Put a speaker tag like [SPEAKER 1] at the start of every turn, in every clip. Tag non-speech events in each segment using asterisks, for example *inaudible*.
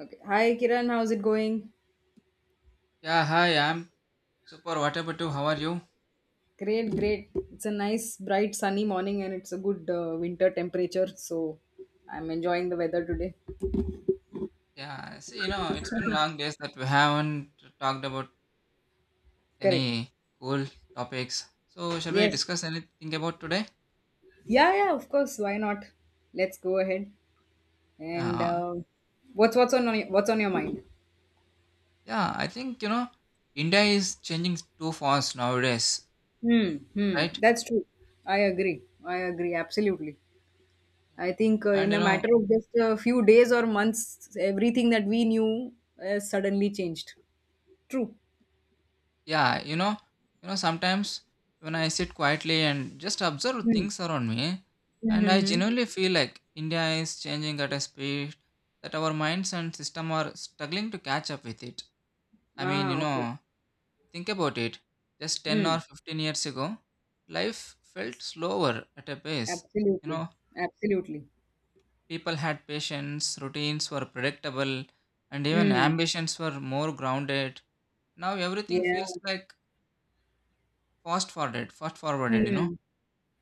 [SPEAKER 1] Okay. Hi, Kiran. How's it going?
[SPEAKER 2] Yeah, hi, I'm super. What about you? How are you?
[SPEAKER 1] Great, great. It's a nice, bright, sunny morning, and it's a good winter temperature. So I'm enjoying the weather today.
[SPEAKER 2] Yeah, see, you know, it's been long days that we haven't talked about
[SPEAKER 1] Correct.
[SPEAKER 2] any cool topics. So, shall we
[SPEAKER 1] Yes.
[SPEAKER 2] discuss anything about today?
[SPEAKER 1] Yeah, yeah. Of course. Why not? Let's go ahead. And
[SPEAKER 2] Yeah,
[SPEAKER 1] What's on your mind?
[SPEAKER 2] yeah, I think, you know, India is changing too fast nowadays,
[SPEAKER 1] Hmm. Hmm.
[SPEAKER 2] right?
[SPEAKER 1] That's true. I agree. I agree. Absolutely. I think
[SPEAKER 2] And,
[SPEAKER 1] in
[SPEAKER 2] you
[SPEAKER 1] a
[SPEAKER 2] know,
[SPEAKER 1] matter of just a few days or months, everything that we knew suddenly changed. True.
[SPEAKER 2] Yeah, you know, sometimes when I sit quietly and just observe
[SPEAKER 1] Hmm.
[SPEAKER 2] things around me, and
[SPEAKER 1] Mm-hmm.
[SPEAKER 2] I
[SPEAKER 1] Hmm.
[SPEAKER 2] genuinely feel like India is changing at a speed that our minds and system are struggling to catch up with it. I mean, you
[SPEAKER 1] Ah, okay.
[SPEAKER 2] know, think about it. Just 10 or
[SPEAKER 1] Mm,
[SPEAKER 2] 15 years ago, life felt slower at a pace. You
[SPEAKER 1] absolutely.
[SPEAKER 2] know,
[SPEAKER 1] Absolutely.
[SPEAKER 2] people had patience, routines were predictable, and even
[SPEAKER 1] Mm,
[SPEAKER 2] ambitions were more grounded. Now everything feels
[SPEAKER 1] yeah.
[SPEAKER 2] like fast forwarded,
[SPEAKER 1] Mm,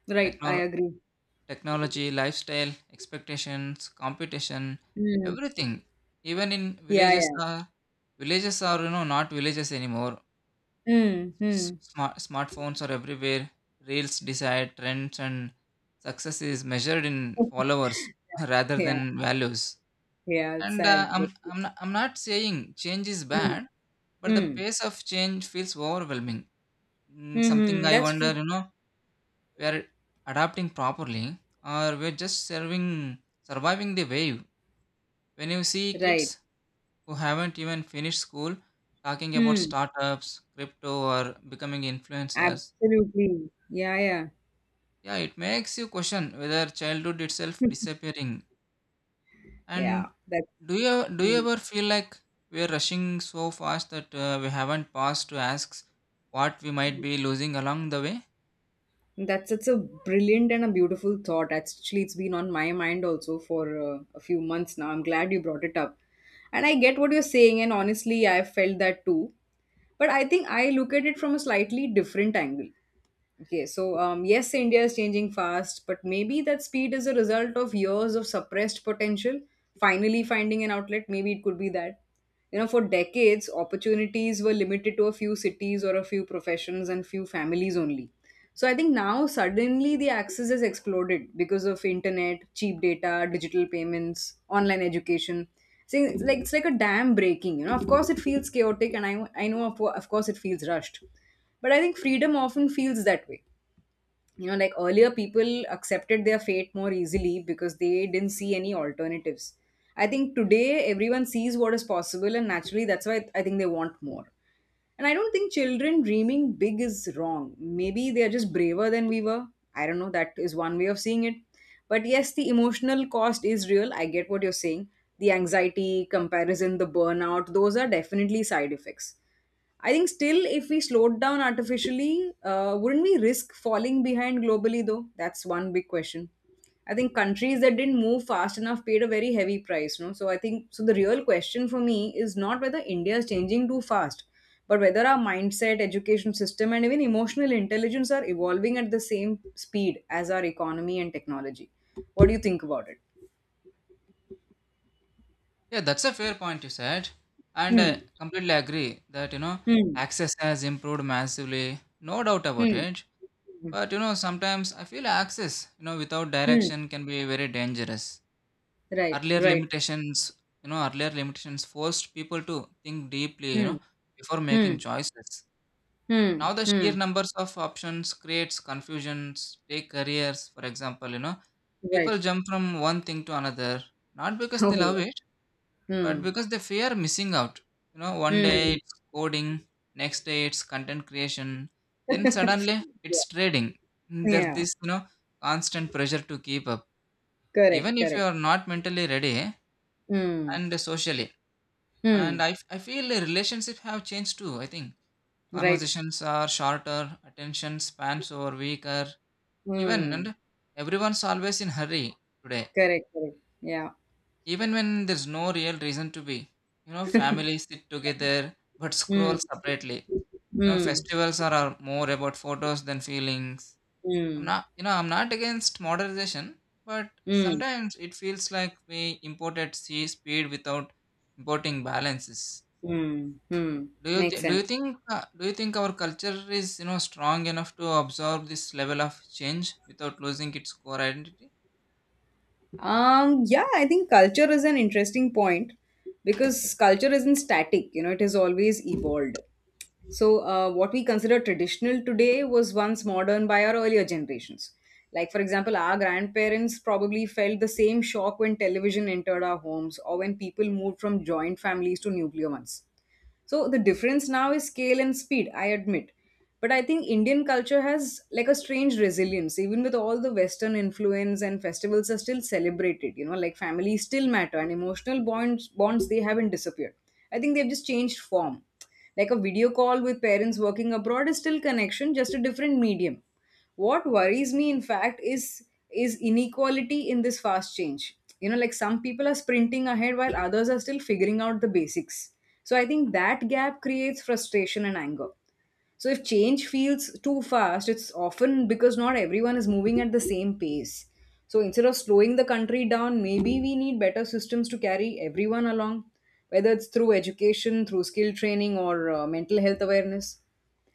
[SPEAKER 1] right. I
[SPEAKER 2] Technol-
[SPEAKER 1] agree.
[SPEAKER 2] technology, lifestyle, expectations, competition,
[SPEAKER 1] Mm,
[SPEAKER 2] everything. Even in
[SPEAKER 1] yeah,
[SPEAKER 2] villages,
[SPEAKER 1] yeah.
[SPEAKER 2] villages are, you know, not villages anymore.
[SPEAKER 1] Mm, mm.
[SPEAKER 2] Smartphones are everywhere. Reels decide trends, and success is measured in
[SPEAKER 1] *laughs*
[SPEAKER 2] followers *laughs* rather
[SPEAKER 1] Yeah,
[SPEAKER 2] than values.
[SPEAKER 1] yeah. It's
[SPEAKER 2] And
[SPEAKER 1] sad.
[SPEAKER 2] I'm
[SPEAKER 1] But-
[SPEAKER 2] I'm not, I'm not saying change is
[SPEAKER 1] Mm,
[SPEAKER 2] bad, but the
[SPEAKER 1] mm,
[SPEAKER 2] pace of change feels overwhelming. Something
[SPEAKER 1] mm-hmm.
[SPEAKER 2] I
[SPEAKER 1] That's
[SPEAKER 2] wonder,
[SPEAKER 1] true.
[SPEAKER 2] you know, we are adapting properly or we're just serving surviving the wave when you see
[SPEAKER 1] Right.
[SPEAKER 2] kids who haven't even finished school talking about
[SPEAKER 1] Mm,
[SPEAKER 2] startups, crypto, or becoming influencers.
[SPEAKER 1] absolutely. Yeah, yeah.
[SPEAKER 2] Yeah, it makes you question whether childhood itself disappearing.
[SPEAKER 1] Yeah.
[SPEAKER 2] And
[SPEAKER 1] That's.
[SPEAKER 2] do you
[SPEAKER 1] Hmm.
[SPEAKER 2] ever feel like we're rushing so fast that we haven't paused to ask what we might be losing along the way?
[SPEAKER 1] That's such a brilliant and a beautiful thought. Actually, it's been on my mind also for a few months now. I'm glad you brought it up. And I get what you're saying, and honestly, I felt that too. But I think I look at it from a slightly different angle. Okay, so yes, India is changing fast, but maybe that speed is a result of years of suppressed potential finally finding an outlet. Maybe it could be that. You know, for decades, opportunities were limited to a few cities or a few professions and few families only, so I think now suddenly the access has exploded because of internet, cheap data, digital payments, online education. So it's like a dam breaking. You know, of course it feels chaotic and I know, of course it feels rushed. But I think freedom often feels that way. You know, like earlier people accepted their fate more easily because they didn't see any alternatives. I think today everyone sees what is possible, and naturally that's why I think they want more. And I don't think children dreaming big is wrong. Maybe they are just braver than we were. I don't know, that is one way of seeing it. But yes, the emotional cost is real, I get what you're saying. The anxiety, comparison, the burnout, those are definitely side effects. I think still, if we slowed down artificially, wouldn't we risk falling behind globally though? That's one big question. I think countries that didn't move fast enough paid a very heavy price, no? So I think so the real question for me is not whether India is changing too fast, but whether our mindset, education system, and even emotional intelligence are evolving at the same speed as our economy and technology. What do you think about it?
[SPEAKER 2] Yeah, that's a fair point you said, and I
[SPEAKER 1] Hmm.
[SPEAKER 2] completely agree that, you know,
[SPEAKER 1] Hmm.
[SPEAKER 2] access has improved massively, no doubt about
[SPEAKER 1] Hmm.
[SPEAKER 2] it.
[SPEAKER 1] Hmm.
[SPEAKER 2] But, you know, sometimes I feel access, you know, without
[SPEAKER 1] Hmm.
[SPEAKER 2] direction can be very dangerous.
[SPEAKER 1] Right.
[SPEAKER 2] Earlier
[SPEAKER 1] Right.
[SPEAKER 2] limitations, earlier limitations forced people to think deeply, you
[SPEAKER 1] Hmm.
[SPEAKER 2] know, before making
[SPEAKER 1] Hmm.
[SPEAKER 2] choices.
[SPEAKER 1] Hmm.
[SPEAKER 2] Now the sheer
[SPEAKER 1] Hmm.
[SPEAKER 2] numbers of options creates confusions. Take careers, for example, you know, people
[SPEAKER 1] Right.
[SPEAKER 2] jump from one thing to another not because they love
[SPEAKER 1] Oh,
[SPEAKER 2] it
[SPEAKER 1] yeah.
[SPEAKER 2] but
[SPEAKER 1] Mm.
[SPEAKER 2] because they fear missing out. You know, one day
[SPEAKER 1] Mm.
[SPEAKER 2] it's coding, next day it's content creation, then
[SPEAKER 1] *laughs*
[SPEAKER 2] suddenly
[SPEAKER 1] Yeah.
[SPEAKER 2] it's trading. There's
[SPEAKER 1] Yeah.
[SPEAKER 2] this, you know, constant pressure to keep up
[SPEAKER 1] Correct,
[SPEAKER 2] even if you
[SPEAKER 1] correct.
[SPEAKER 2] are not mentally ready
[SPEAKER 1] Mm.
[SPEAKER 2] and socially.
[SPEAKER 1] Mm.
[SPEAKER 2] I feel the relationships have changed too, I think.
[SPEAKER 1] Right.
[SPEAKER 2] Conversations are shorter, attention spans are weaker, even,
[SPEAKER 1] Mm.
[SPEAKER 2] and everyone's always in hurry today.
[SPEAKER 1] Correct, correct. Yeah.
[SPEAKER 2] Even when there's no real reason to be. You know, families
[SPEAKER 1] *laughs*
[SPEAKER 2] sit together but
[SPEAKER 1] Mm.
[SPEAKER 2] scroll separately. You know,
[SPEAKER 1] Mm.
[SPEAKER 2] festivals are more about photos than feelings.
[SPEAKER 1] Mm.
[SPEAKER 2] I'm not against modernization, but
[SPEAKER 1] Mm.
[SPEAKER 2] sometimes it feels like we imported sea speed without importing balances.
[SPEAKER 1] Mm. Mm.
[SPEAKER 2] Do you
[SPEAKER 1] Makes
[SPEAKER 2] th-
[SPEAKER 1] sense.
[SPEAKER 2] do you think our culture is, you know, strong enough to absorb this level of change without losing its core identity?
[SPEAKER 1] Yeah, I think culture is an interesting point because culture isn't static, you know, it is always evolved. So, what we consider traditional today was once modern by our earlier generations. Like, for example, our grandparents probably felt the same shock when television entered our homes or when people moved from joint families to nuclear ones. So the difference now is scale and speed, I admit. But I think Indian culture has like a strange resilience. Even with all the Western influence and festivals are still celebrated, you know, like families still matter and emotional bonds they haven't disappeared. I think they've just changed form. Like a video call with parents working abroad is still connection, just a different medium. What worries me in fact is inequality in this fast change. You know, like some people are sprinting ahead while others are still figuring out the basics. So I think that gap creates frustration and anger. So if change feels too fast, it's often because not everyone is moving at the same pace. So instead of slowing the country down, maybe we need better systems to carry everyone along, whether it's through education, through skill training, or mental health awareness.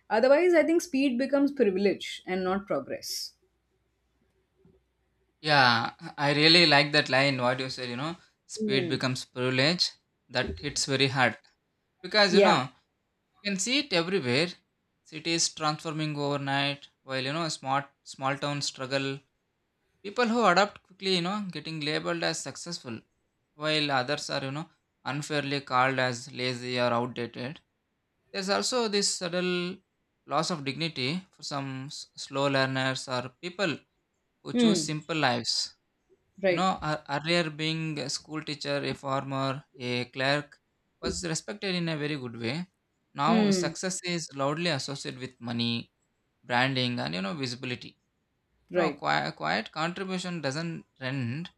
[SPEAKER 1] Otherwise, I think speed becomes privilege and not progress.
[SPEAKER 2] Yeah, I really like that line what you said, you know, speed
[SPEAKER 1] Hmm.
[SPEAKER 2] becomes privilege. That hits very hard. Because, you
[SPEAKER 1] Yeah.
[SPEAKER 2] know, you can see it everywhere. Cities transforming overnight, while, you know, smart small towns struggle. People who adapt quickly, you know, getting labeled as successful, while others are, you know, unfairly called as lazy or outdated. There's also this subtle loss of dignity for some slow learners or people who choose
[SPEAKER 1] Hmm.
[SPEAKER 2] simple lives. You
[SPEAKER 1] Right.
[SPEAKER 2] know, earlier being a school teacher, a farmer, a clerk was respected in a very good way. Now,
[SPEAKER 1] Hmm.
[SPEAKER 2] success is loudly associated with money, branding, and, you know, visibility. You know,
[SPEAKER 1] Right.
[SPEAKER 2] quiet contribution doesn't trend,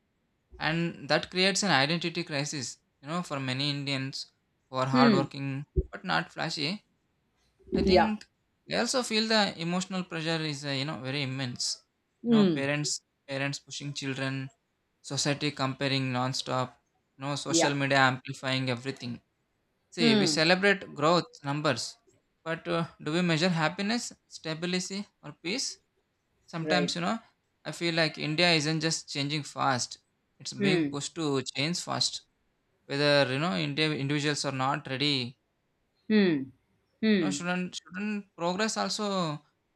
[SPEAKER 2] and that creates an identity crisis. You know, for many Indians who are
[SPEAKER 1] Hmm.
[SPEAKER 2] hardworking but not flashy, I
[SPEAKER 1] Yeah.
[SPEAKER 2] think they also feel the emotional pressure is, you know, very immense. You know,
[SPEAKER 1] Hmm.
[SPEAKER 2] parents pushing children, society comparing non-stop, no,
[SPEAKER 1] Yeah.
[SPEAKER 2] social media amplifying everything. See, we
[SPEAKER 1] Hmm.
[SPEAKER 2] celebrate growth numbers, but do we measure happiness, stability, or peace? Sometimes,
[SPEAKER 1] Right.
[SPEAKER 2] you know, I feel like India isn't just changing fast, it's being
[SPEAKER 1] Hmm.
[SPEAKER 2] pushed to change fast, whether, you know, India individuals are not ready.
[SPEAKER 1] Hmm.
[SPEAKER 2] No,
[SPEAKER 1] Hmm.
[SPEAKER 2] shouldn't progress also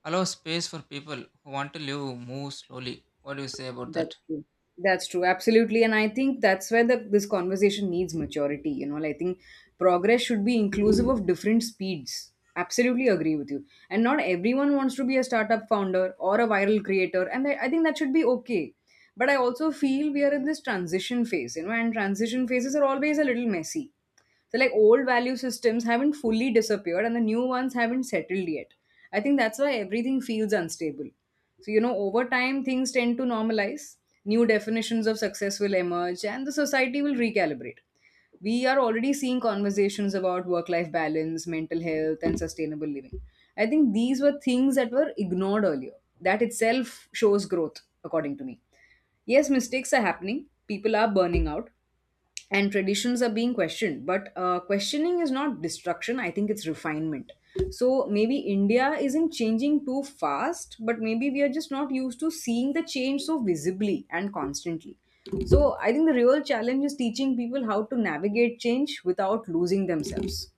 [SPEAKER 2] allow space for people who want to live, move slowly? What do you say about that?
[SPEAKER 1] That's true. That's true. Absolutely. And I think that's where the this conversation needs maturity. You know, like, I think progress should be inclusive of different speeds. Absolutely agree with you. And not everyone wants to be a startup founder or a viral creator. And I think that should be okay. But I also feel we are in this transition phase, you know, and transition phases are always a little messy. So like old value systems haven't fully disappeared and the new ones haven't settled yet. I think that's why everything feels unstable. So, you know, over time, things tend to normalize, new definitions of success will emerge, and the society will recalibrate. We are already seeing conversations about work life balance, mental health, and sustainable living. I think these were things that were ignored earlier. That itself shows growth, according to me. Yes, mistakes are happening, people are burning out, and traditions are being questioned. But questioning is not destruction, I think it's refinement. So maybe India isn't changing too fast, but maybe we are just not used to seeing the change so visibly and constantly. So I think the real challenge is teaching people how to navigate change without losing themselves.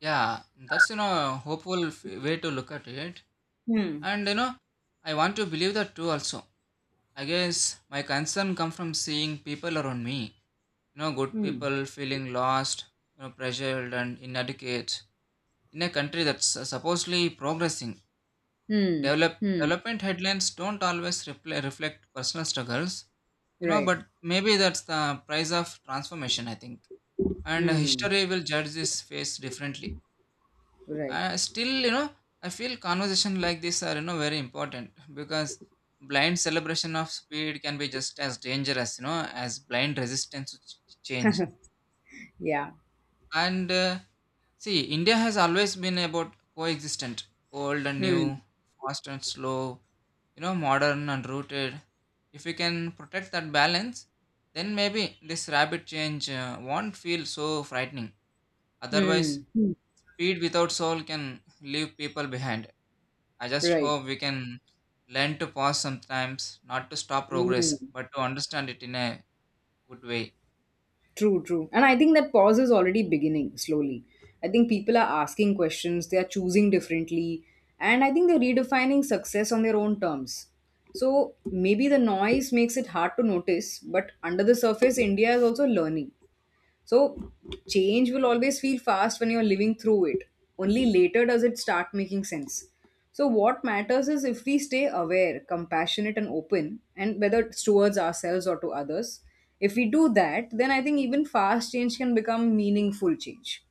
[SPEAKER 2] Yeah, that's, you know, hopeful way to look at it.
[SPEAKER 1] Hmm.
[SPEAKER 2] And, you know, I want to believe that too also. I guess my concern comes from seeing people around me. You know, good
[SPEAKER 1] Hmm.
[SPEAKER 2] people feeling lost, you know, pressured and inadequate in a country that's supposedly progressing.
[SPEAKER 1] Hmm. Hmm.
[SPEAKER 2] Development headlines don't always reflect personal struggles. You know,
[SPEAKER 1] Right.
[SPEAKER 2] but maybe that's the price of transformation, I think. And
[SPEAKER 1] Hmm.
[SPEAKER 2] history will judge this phase differently.
[SPEAKER 1] Right.
[SPEAKER 2] Still, you know, I feel conversation like this are, you know, very important *laughs* because blind celebration of speed can be just as dangerous, you know, as blind resistance to change.
[SPEAKER 1] Yeah.
[SPEAKER 2] And see, India has always been about coexistent old and new,
[SPEAKER 1] Hmm.
[SPEAKER 2] fast and slow, you know, modern and rooted. If we can protect that balance, then maybe this rapid change won't feel so frightening. Otherwise,
[SPEAKER 1] Hmm. Hmm.
[SPEAKER 2] speed without soul can leave people behind. I just
[SPEAKER 1] Right.
[SPEAKER 2] hope we can learn to pause sometimes, not to stop progress,
[SPEAKER 1] Mm.
[SPEAKER 2] but to understand it in a good way.
[SPEAKER 1] True, true. And I think that pause is already beginning slowly. I think people are asking questions, they are choosing differently, and I think they're redefining success on their own terms. So maybe the noise makes it hard to notice, but under the surface, India is also learning. So, change will always feel fast when you're living through it. Only later does it start making sense. So, what matters is if we stay aware, compassionate, and open, and whether it's towards ourselves or to others. If we do that, then I think even fast change can become meaningful change.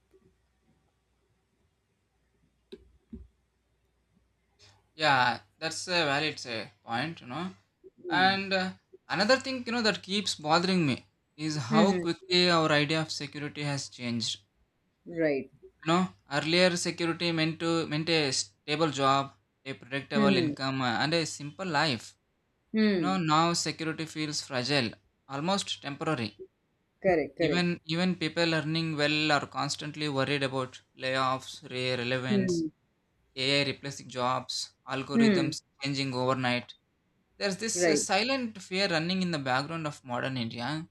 [SPEAKER 2] Yeah, that's a valid point, you know. And another thing, you know, that keeps bothering me is how
[SPEAKER 1] Hmm.
[SPEAKER 2] quickly our idea of security has changed.
[SPEAKER 1] Right.
[SPEAKER 2] You know, earlier security meant a stable job, a predictable
[SPEAKER 1] Hmm.
[SPEAKER 2] income, and a simple life. You
[SPEAKER 1] Hmm.
[SPEAKER 2] know, now security feels fragile, almost temporary.
[SPEAKER 1] Correct. Correct.
[SPEAKER 2] Even people earning well are constantly worried about layoffs, relevance,
[SPEAKER 1] Hmm.
[SPEAKER 2] AI replacing jobs,
[SPEAKER 1] Hmm.
[SPEAKER 2] algorithms changing overnight. There's this
[SPEAKER 1] Right.
[SPEAKER 2] silent fear running in the background of modern India,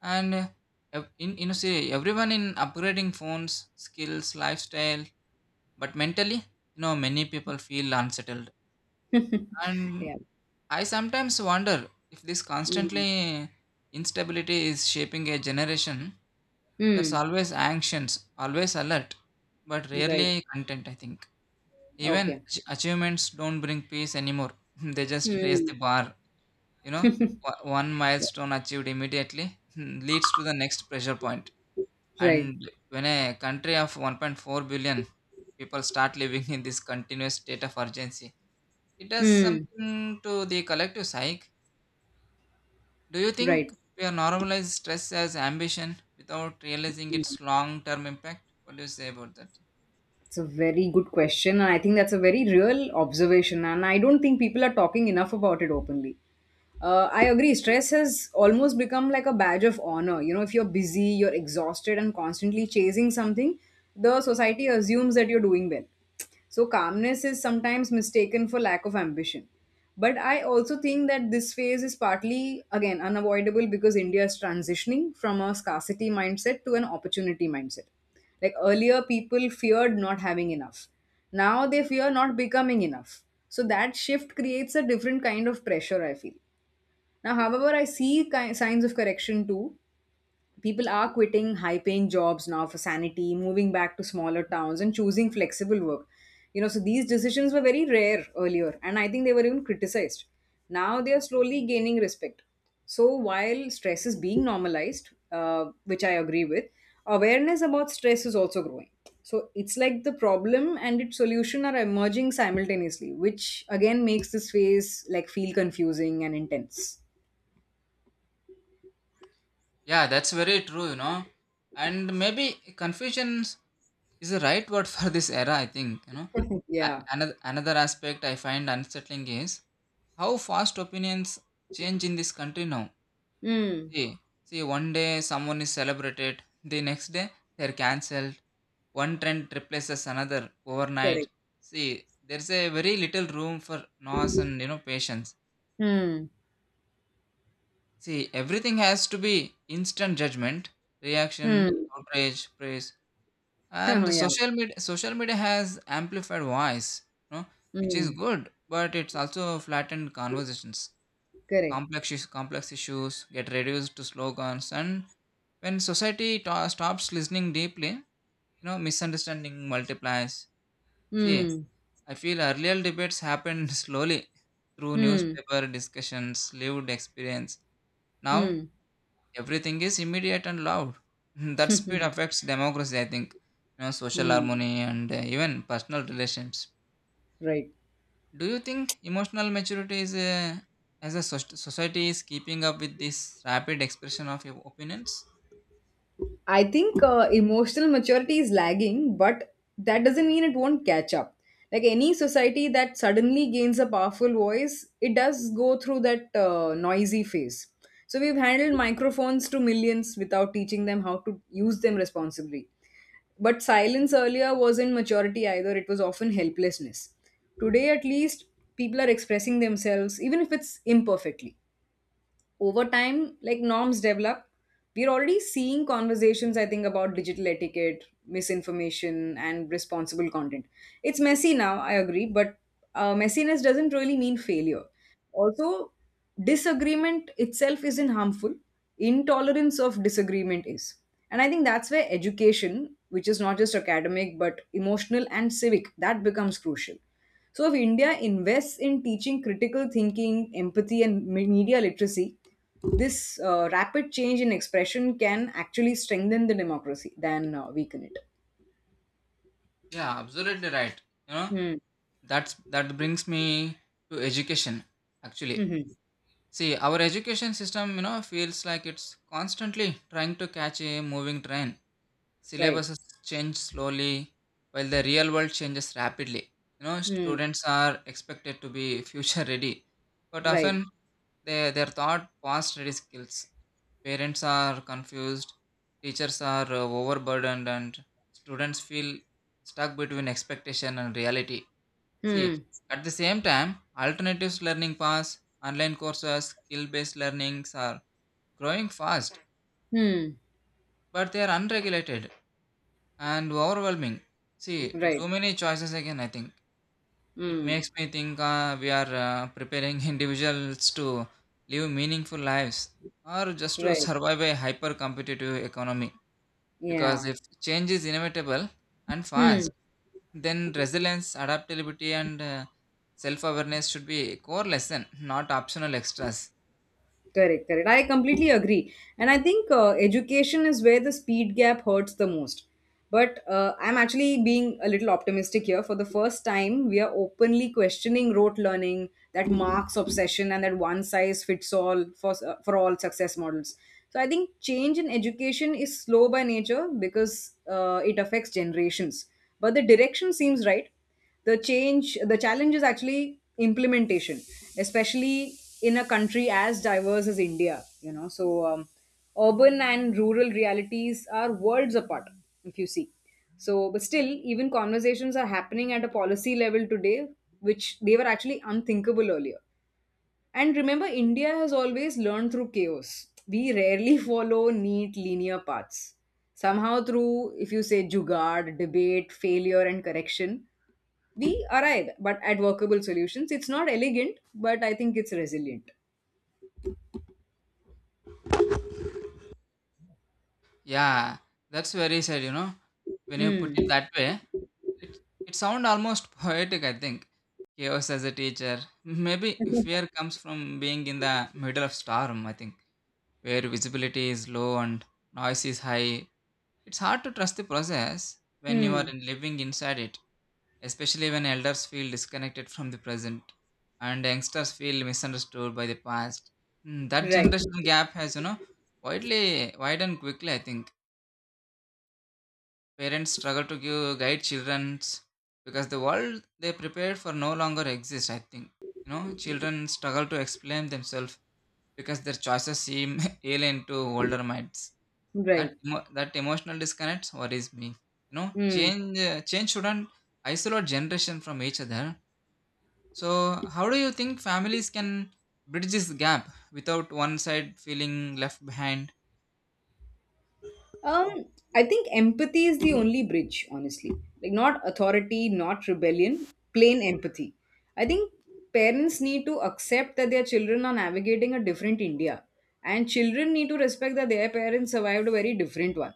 [SPEAKER 2] and ev- in you know, say everyone in upgrading phones, skills, lifestyle, but mentally, you know, many people feel unsettled,
[SPEAKER 1] *laughs*
[SPEAKER 2] and
[SPEAKER 1] Yeah.
[SPEAKER 2] I sometimes wonder if this
[SPEAKER 1] Hmm.
[SPEAKER 2] constantly instability is shaping a generation that's
[SPEAKER 1] Hmm.
[SPEAKER 2] always anxious, always alert, but
[SPEAKER 1] Right.
[SPEAKER 2] rarely content, I think. Even
[SPEAKER 1] Okay.
[SPEAKER 2] achievements don't bring peace anymore. *laughs* They just raise
[SPEAKER 1] Hmm.
[SPEAKER 2] the bar, you know. One
[SPEAKER 1] Yeah.
[SPEAKER 2] milestone achieved immediately *laughs* leads to the next pressure point.
[SPEAKER 1] Right.
[SPEAKER 2] And when a country of 1.4 billion people start living in this continuous state of urgency, it does
[SPEAKER 1] Hmm.
[SPEAKER 2] something to the collective psyche. Do you think
[SPEAKER 1] Right.
[SPEAKER 2] we are normalized stress as ambition without realizing
[SPEAKER 1] Mm.
[SPEAKER 2] its long term impact? What do you say about that?
[SPEAKER 1] It's a very good question. And I think that's a very real observation. And I don't think people are talking enough about it openly. I agree. Stress has almost become like a badge of honor. You know, if you're busy, you're exhausted, and constantly chasing something, the society assumes that you're doing well. So, calmness is sometimes mistaken for lack of ambition. But I also think that this phase is partly, again, unavoidable because India is transitioning from a scarcity mindset to an opportunity mindset. Like earlier, people feared not having enough. Now they fear not becoming enough. So, that shift creates a different kind of pressure, I feel. Now, however, I see signs of correction too. People are quitting high paying jobs now for sanity, moving back to smaller towns, and choosing flexible work. You know, so these decisions were very rare earlier, and I think they were even criticized. Now they are slowly gaining respect. So, while stress is being normalized, which I agree with, awareness about stress is also growing. So, it's like the problem and its solution are emerging simultaneously, which again makes this phase like feel confusing and intense.
[SPEAKER 2] Yeah, that's very true, you know. And maybe confusion is the right word *laughs* for this era, I think, you know.
[SPEAKER 1] *laughs*
[SPEAKER 2] A-
[SPEAKER 1] Yeah.
[SPEAKER 2] Another, another aspect I find unsettling is how fast opinions change in this country now.
[SPEAKER 1] Mm.
[SPEAKER 2] See, see, one day someone is celebrated, the next day they're cancelled, one trend replaces another overnight.
[SPEAKER 1] Correct.
[SPEAKER 2] See, there's a very little room for noise and, you know, patience.
[SPEAKER 1] Mm.
[SPEAKER 2] See, everything has to be instant judgment, reaction,
[SPEAKER 1] Mm.
[SPEAKER 2] outrage, praise,
[SPEAKER 1] *laughs* Oh,
[SPEAKER 2] and
[SPEAKER 1] yeah.
[SPEAKER 2] social media. Social media has amplified voice, you know, which is
[SPEAKER 1] Mm.
[SPEAKER 2] good, but it's also flattened conversations.
[SPEAKER 1] Correct.
[SPEAKER 2] Complex issues get reduced to slogans, and when society stops listening deeply, you know, misunderstanding multiplies. See,
[SPEAKER 1] Mm.
[SPEAKER 2] I feel earlier debates happened *laughs* slowly through
[SPEAKER 1] Mm.
[SPEAKER 2] newspaper discussions, lived experience. Now
[SPEAKER 1] Mm.
[SPEAKER 2] everything is immediate and loud. *laughs* That speed
[SPEAKER 1] *laughs*
[SPEAKER 2] affects democracy, I think. You know, social
[SPEAKER 1] Mm.
[SPEAKER 2] harmony and, even personal relations.
[SPEAKER 1] Right.
[SPEAKER 2] Do you think emotional maturity is, as a society, is keeping up with this rapid expression of your opinions?
[SPEAKER 1] I think emotional maturity is lagging, but that doesn't mean it won't catch up. Like any society that suddenly gains a powerful voice, it does go through that noisy phase. So we've handled microphones to millions without teaching them how to use them responsibly. But silence earlier wasn't maturity either, it was often helplessness. Today, at least, people are expressing themselves, even if it's imperfectly. Over time, like norms develop, we're already seeing conversations, I think, about digital etiquette, misinformation, and responsible content. It's messy now, I agree, but messiness doesn't really mean failure. Also, disagreement itself isn't harmful, intolerance of disagreement is. And I think that's where education, which is not just academic but emotional and civic, that becomes crucial. So if India invests in teaching critical thinking, empathy, and media literacy, this rapid change in expression can actually strengthen the democracy than weaken it.
[SPEAKER 2] Yeah, absolutely right. You know,
[SPEAKER 1] Hmm.
[SPEAKER 2] that's that brings me to education actually.
[SPEAKER 1] Hmm.
[SPEAKER 2] See, our education system, you know, feels like it's constantly trying to catch a moving train.
[SPEAKER 1] Right.
[SPEAKER 2] Syllabuses change slowly, while the real world changes rapidly. You know,
[SPEAKER 1] Hmm.
[SPEAKER 2] students are expected to be *laughs* future ready, but
[SPEAKER 1] Right.
[SPEAKER 2] often they're taught past ready skills. Parents are confused, teachers are overburdened, and students feel stuck between expectation and reality. See,
[SPEAKER 1] Hmm.
[SPEAKER 2] at the same time, alternatives learning paths, online courses, skill based learnings are growing fast,
[SPEAKER 1] Hmm.
[SPEAKER 2] but they are unregulated and overwhelming. See,
[SPEAKER 1] Right.
[SPEAKER 2] too many choices again, I think. It
[SPEAKER 1] Hmm.
[SPEAKER 2] makes me think we are preparing *laughs* individuals to live meaningful lives or just to
[SPEAKER 1] Right.
[SPEAKER 2] survive a hyper competitive economy. Because
[SPEAKER 1] Yeah.
[SPEAKER 2] if change is inevitable and fast,
[SPEAKER 1] Hmm.
[SPEAKER 2] then resilience, adaptability, and self awareness should be core lesson, not optional extras.
[SPEAKER 1] Correct, correct. I completely agree. And I think education is where the speed gap hurts the most. But I'm actually being a little optimistic here. For the first time, we are openly questioning rote learning, that marks obsession, and that one size fits all for all success models. So I think change in education is slow by nature because it affects generations. But the direction seems right. The challenge is actually implementation, especially in a country as diverse as India. So urban and rural realities are worlds apart, if you see. So but still, even conversations are happening at a policy level today, which they were actually unthinkable earlier. And remember, India has always learned through chaos. We rarely *laughs* follow neat linear paths somehow through. If you say jugaad, debate, failure, and correction, we arrive but at workable solutions. It's not elegant, but I think it's resilient.
[SPEAKER 2] Yeah, that's very sad, you know. When you put
[SPEAKER 1] Hmm.
[SPEAKER 2] it that way, it, it sounds almost *laughs* poetic, I think. Chaos as a teacher. Maybe fear comes from being in the middle of storm, I think, where visibility is low and noise is high. It's hard to trust the process when you are
[SPEAKER 1] Hmm.
[SPEAKER 2] living inside it, especially when elders feel disconnected from the present and youngsters feel misunderstood by the past. That
[SPEAKER 1] Right.
[SPEAKER 2] generational gap has, you know, widely widened quickly, I think. Parents struggle to give, guide children's because the world they prepared for no longer exists, I think. You know, children struggle to explain themselves because their choices seem *laughs* alien to older minds. That,
[SPEAKER 1] Right.
[SPEAKER 2] emo- that emotional disconnect worries me. You know,
[SPEAKER 1] Hmm.
[SPEAKER 2] change shouldn't isolate generation from each other. So, how do you think families can bridge this gap without one side feeling left behind?
[SPEAKER 1] Um, I think empathy is the only bridge, honestly. Like not authority, not rebellion, plain empathy. I think parents need to accept that their children are navigating a different India. And children need to respect that their parents survived a very different one.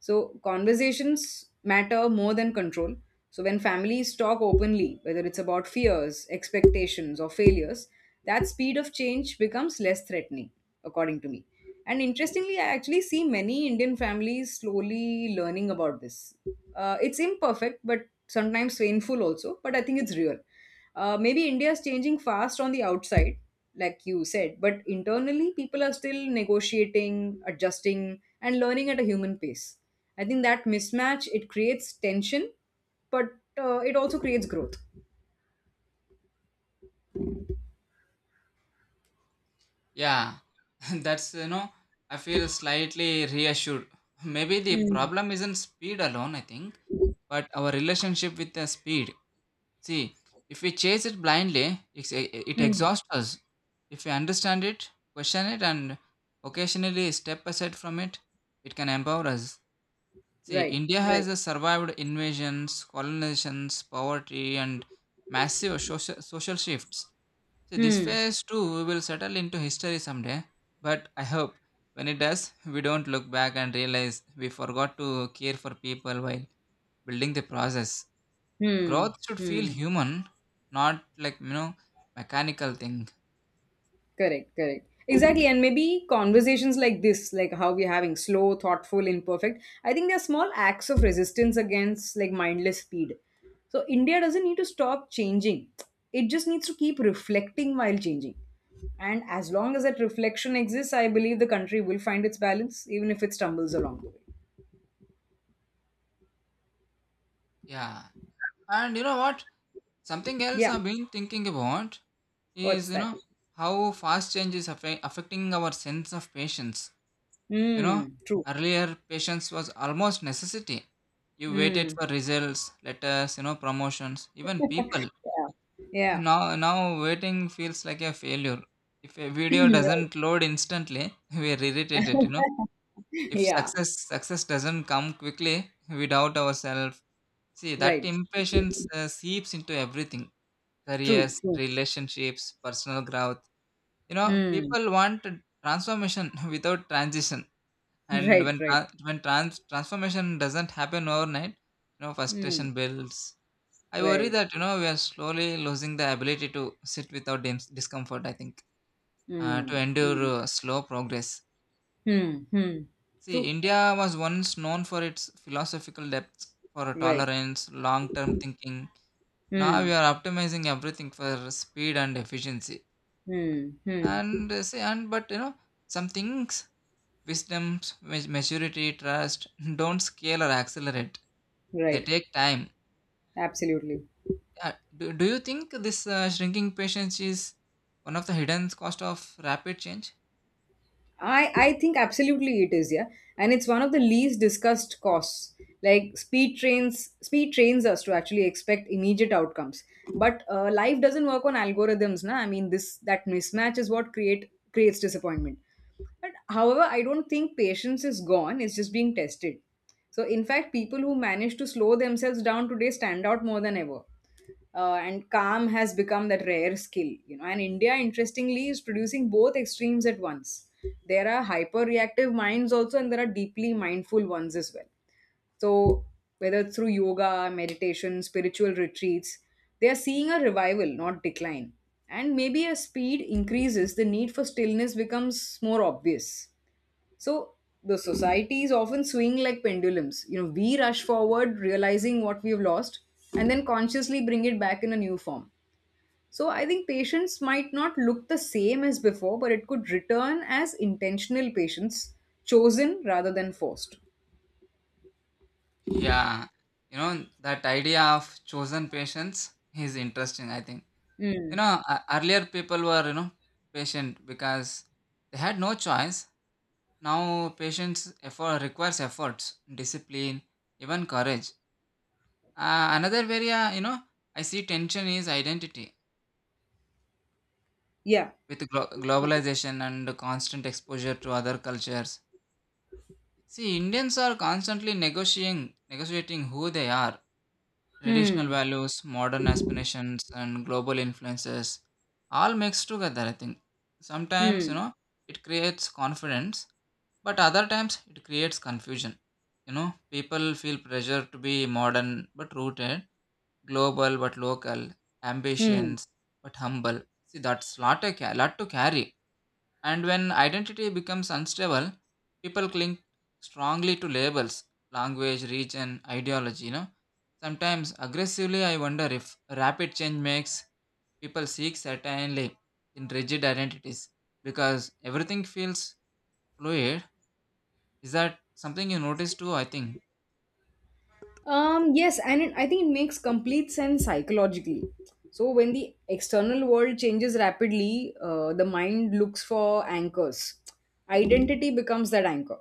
[SPEAKER 1] So conversations matter more than control. So when families talk openly, whether it's about fears, expectations, or failures, that speed of change becomes less threatening, according to me. And interestingly, I actually see many Indian families slowly learning about this. It's imperfect, but sometimes painful also, but I think it's real. Maybe India is changing fast on the outside, like you said, but internally, people are still negotiating, adjusting, and learning at a human pace. I think that mismatch it creates tension, but it also creates growth.
[SPEAKER 2] Yeah, *laughs* that's I feel slightly reassured. Maybe the
[SPEAKER 1] Hmm.
[SPEAKER 2] problem isn't speed alone, I think, but our relationship with the speed. See, if we chase it blindly, it
[SPEAKER 1] Hmm.
[SPEAKER 2] exhausts us. If we understand it, question it, and occasionally step aside from it, it can empower us. See,
[SPEAKER 1] Right.
[SPEAKER 2] India
[SPEAKER 1] Right.
[SPEAKER 2] has survived invasions, colonizations, poverty, and massive social shifts. See, this
[SPEAKER 1] Hmm.
[SPEAKER 2] phase too will settle into history someday, but I hope when it does, we don't look back and realize we forgot to care for people while building the process.
[SPEAKER 1] Hmm.
[SPEAKER 2] Growth should feel
[SPEAKER 1] Hmm.
[SPEAKER 2] human, not like, mechanical thing.
[SPEAKER 1] Correct, correct. Exactly. And maybe conversations like this, like how we're having slow, thoughtful, imperfect, I think they're small acts of resistance against like mindless speed. So India doesn't need to stop changing, it just needs to keep reflecting while changing. And as long as that reflection exists, I believe the country will find its balance, even if it stumbles along the way.
[SPEAKER 2] Yeah. And you know what? Something else
[SPEAKER 1] Yeah,
[SPEAKER 2] I've been thinking about is,
[SPEAKER 1] what's
[SPEAKER 2] you
[SPEAKER 1] that?
[SPEAKER 2] know, how fast change is affecting our sense of patience. You know,
[SPEAKER 1] Hmm, true.
[SPEAKER 2] earlier patience was almost necessity. You waited
[SPEAKER 1] Hmm.
[SPEAKER 2] for results, letters, promotions, even people.
[SPEAKER 1] *laughs* yeah, yeah,
[SPEAKER 2] Now waiting feels like a failure. If a
[SPEAKER 1] *clears throat*
[SPEAKER 2] video
[SPEAKER 1] right.
[SPEAKER 2] doesn't load instantly, *laughs* we are irritated. You know, if
[SPEAKER 1] Yeah,
[SPEAKER 2] success doesn't come quickly, we doubt ourselves. See that
[SPEAKER 1] right.
[SPEAKER 2] impatience seeps into everything:
[SPEAKER 1] True,
[SPEAKER 2] careers,
[SPEAKER 1] true.
[SPEAKER 2] relationships, personal growth. You know,
[SPEAKER 1] Hmm.
[SPEAKER 2] people want transformation *laughs* without transition, and
[SPEAKER 1] Right,
[SPEAKER 2] when
[SPEAKER 1] right.
[SPEAKER 2] transformation doesn't happen overnight,
[SPEAKER 1] Hmm.
[SPEAKER 2] frustration builds. I worry
[SPEAKER 1] Right.
[SPEAKER 2] that we are slowly losing the ability to sit without discomfort. I think to
[SPEAKER 1] Hmm.
[SPEAKER 2] endure
[SPEAKER 1] Hmm.
[SPEAKER 2] slow progress.
[SPEAKER 1] Hmm. Mm.
[SPEAKER 2] See,
[SPEAKER 1] True.
[SPEAKER 2] India was once known for its philosophical depth, for
[SPEAKER 1] Right.
[SPEAKER 2] tolerance, long-term thinking. Now
[SPEAKER 1] Hmm.
[SPEAKER 2] we are optimizing everything for speed and efficiency
[SPEAKER 1] Hmm. Hmm.
[SPEAKER 2] and say and but some things, wisdom, maturity, trust *laughs* don't scale or accelerate, they
[SPEAKER 1] Right.
[SPEAKER 2] take time.
[SPEAKER 1] Absolutely.
[SPEAKER 2] Yeah. Do you think this shrinking patience is one of the hidden cost of rapid change?
[SPEAKER 1] I think absolutely it is, yeah. And it's one of the least discussed costs. Like speed trains us to actually expect immediate outcomes. But life doesn't work on algorithms, na. I mean, this that mismatch is what creates disappointment. But however, I don't think patience is gone, it's just being tested. So, in fact, people who manage to slow themselves down today stand out more than ever. And calm has become that rare skill, you know. And India, interestingly, is producing both extremes at once. There are hyper reactive minds also, and there are deeply mindful ones as well. So, whether it's through yoga, meditation, spiritual retreats, they are seeing a revival, not decline. And maybe as speed increases, the need for stillness becomes more obvious. So, the societies often swing like pendulums. You know, we rush forward, realizing what we've lost, and then consciously bring it back in a new form. So, I think patience might not look the same as before, but it could return as intentional patience, chosen rather than forced.
[SPEAKER 2] Yeah, that idea of chosen patience is interesting, I think.
[SPEAKER 1] Hmm.
[SPEAKER 2] Earlier people were patient because they had no choice. Now patience effort requires efforts, discipline, even courage. Another area, I see tension is identity
[SPEAKER 1] Yeah.
[SPEAKER 2] with globalization and constant exposure to other cultures. See, Indians are constantly negotiating who they are. Traditional
[SPEAKER 1] Hmm.
[SPEAKER 2] values, modern aspirations, and global influences all mixed together. I think sometimes
[SPEAKER 1] Hmm.
[SPEAKER 2] it creates confidence, but other times it creates confusion. You know, people feel pressure to be modern but rooted, global but local,
[SPEAKER 1] Hmm.
[SPEAKER 2] ambitions but humble. See, that's lot a lot to carry. And when identity becomes unstable, people cling strongly to labels, language, region, ideology. You know, sometimes aggressively. I wonder if rapid change makes people seek certainly in rigid identities because everything feels fluid. Is that something you notice too? I think.
[SPEAKER 1] Yes, and I think it makes complete sense psychologically. So when the external world changes rapidly, the mind looks for anchors. Identity becomes that anchor.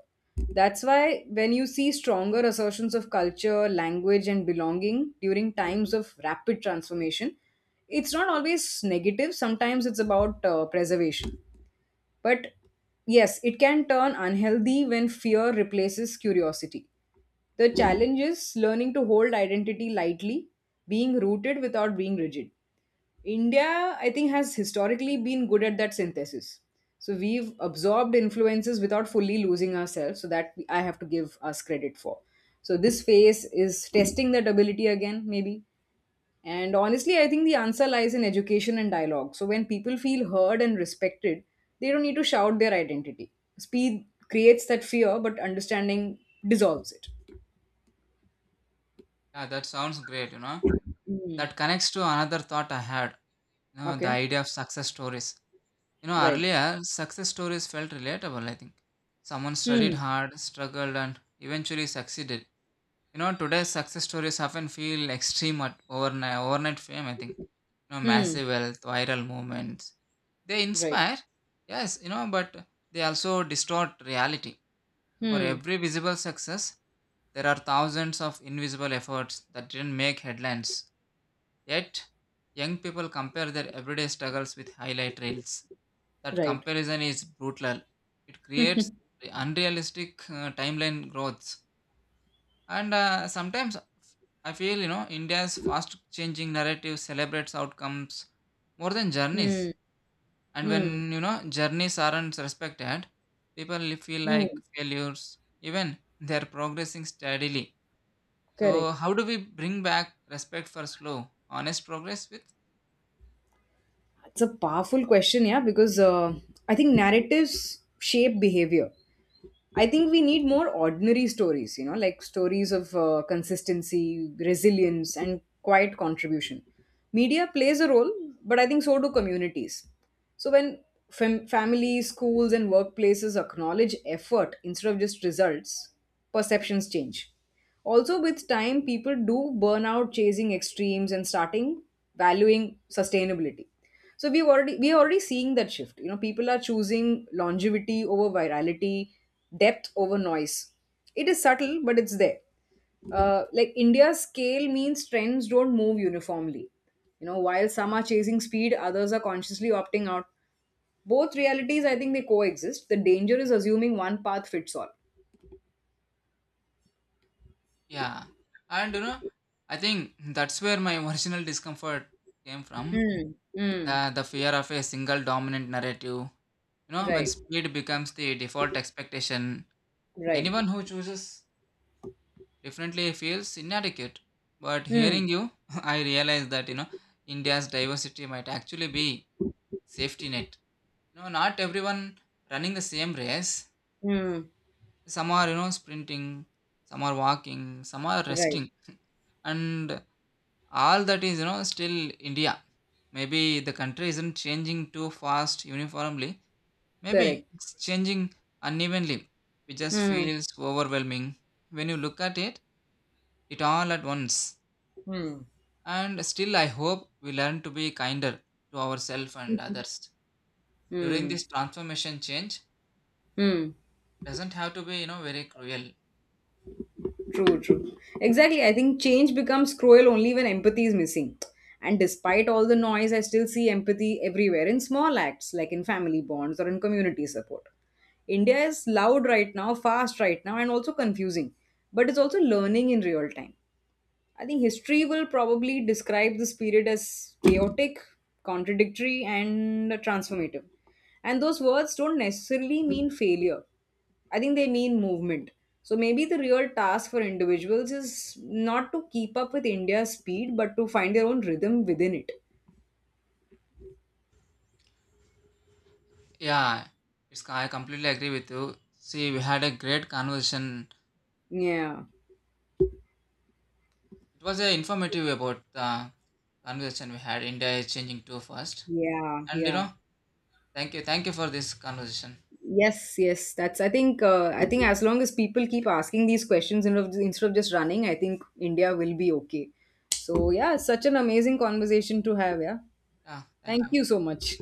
[SPEAKER 1] That's why when you see stronger assertions of culture, language, and belonging during times of rapid transformation, it's not always negative. Sometimes it's about preservation. But yes, it can turn unhealthy when fear replaces curiosity. The challenge is learning to hold identity lightly, being rooted without being rigid. India, I think, has historically been good at that synthesis. So we've absorbed influences without fully losing ourselves. So that I have to give us credit for. So this phase is testing that ability again, maybe. And honestly, I think the answer lies in education and dialogue. So when people feel heard and respected, they don't need to shout their identity. Speed creates that fear, but understanding dissolves it.
[SPEAKER 2] Yeah, that sounds great, you know.
[SPEAKER 1] Mm.
[SPEAKER 2] That connects to another thought I had, the
[SPEAKER 1] Okay.
[SPEAKER 2] idea of success stories. You know,
[SPEAKER 1] Right.
[SPEAKER 2] earlier, success stories felt relatable, I think. Someone studied
[SPEAKER 1] Hmm.
[SPEAKER 2] hard, struggled, and eventually succeeded. You know, today's success stories often feel extreme at overnight fame, I think. You know,
[SPEAKER 1] Hmm.
[SPEAKER 2] massive wealth, viral movements. They
[SPEAKER 1] Right.
[SPEAKER 2] inspire, yes, but they also distort reality. For
[SPEAKER 1] Hmm.
[SPEAKER 2] every visible success, there are thousands of invisible efforts that didn't make headlines. Yet, young people compare their everyday struggles with highlight reels. That
[SPEAKER 1] Right.
[SPEAKER 2] comparison is brutal. It
[SPEAKER 1] *laughs*
[SPEAKER 2] creates
[SPEAKER 1] hmm.
[SPEAKER 2] unrealistic timeline growths. And sometimes I feel, India's fast changing narrative celebrates outcomes more than journeys,
[SPEAKER 1] Hmm.
[SPEAKER 2] and when journeys aren't respected, people feel
[SPEAKER 1] Hmm.
[SPEAKER 2] like failures even they're progressing steadily. So
[SPEAKER 1] Correct.
[SPEAKER 2] how do we bring back respect for slow, honest progress with,
[SPEAKER 1] It's a powerful question, yeah, because I think narratives shape behavior. I think we need more ordinary stories, you know, like stories of consistency, resilience, and quiet contribution. Media plays a role, but I think so do communities. So when families, schools, and workplaces acknowledge effort instead of just results, perceptions change. Also, with time, people do burn out chasing extremes and starting valuing sustainability. So we are already seeing that shift. You know, people are choosing longevity over virality, depth over noise. It is subtle, but it's there. Like India's scale means trends don't move uniformly. You know, while some are chasing speed, others are consciously opting out. Both realities, I think, they coexist. The danger is assuming one path fits all.
[SPEAKER 2] yeah, and you know, I think that's where my *laughs* original discomfort came from,
[SPEAKER 1] Mm, mm,
[SPEAKER 2] the fear of a single dominant narrative. You know, when
[SPEAKER 1] right,
[SPEAKER 2] speed becomes the default expectation,
[SPEAKER 1] right.
[SPEAKER 2] anyone who chooses definitely feels inadequate. But hearing
[SPEAKER 1] Mm,
[SPEAKER 2] you, *laughs* I realize that India's diversity might actually be safety net. You know, not everyone running the same race.
[SPEAKER 1] mm.
[SPEAKER 2] Some are sprinting, some are walking, some are
[SPEAKER 1] Right.
[SPEAKER 2] resting, *laughs* and all that is still India. Maybe the country isn't changing too fast uniformly. Maybe
[SPEAKER 1] Correct.
[SPEAKER 2] it's changing unevenly, which just
[SPEAKER 1] Mm.
[SPEAKER 2] feels overwhelming when you look at it all at once.
[SPEAKER 1] Hmm.
[SPEAKER 2] And still, I hope we learn to be kinder to ourselves and others. During
[SPEAKER 1] Mm.
[SPEAKER 2] this transformation, change
[SPEAKER 1] Mm.
[SPEAKER 2] doesn't have to be, very cruel.
[SPEAKER 1] True, true. Exactly. I think change becomes cruel only when empathy is missing. And despite all the noise, I still see empathy everywhere in small acts, like in family bonds or in community support. India is loud right now, fast right now, and also confusing. But it's also learning in real time. I think history will probably describe this period as chaotic, contradictory, and transformative. And those words don't necessarily mean failure. I think they mean movement. So maybe the real task for individuals is not to keep up with India's speed, but to find their own rhythm within it.
[SPEAKER 2] Yeah, I completely agree with you. See, we had a great conversation.
[SPEAKER 1] Yeah,
[SPEAKER 2] It was informative about the conversation we had. India is changing too fast.
[SPEAKER 1] yeah,
[SPEAKER 2] And, you
[SPEAKER 1] yeah.
[SPEAKER 2] know, thank you. Thank you for this conversation.
[SPEAKER 1] Yes, yes, that's. I think. I think as long as people keep asking these questions instead of just running, I think India will be okay. So yeah, such an amazing conversation to have. Yeah,
[SPEAKER 2] Yeah,
[SPEAKER 1] thank
[SPEAKER 2] thank you.
[SPEAKER 1] you so much.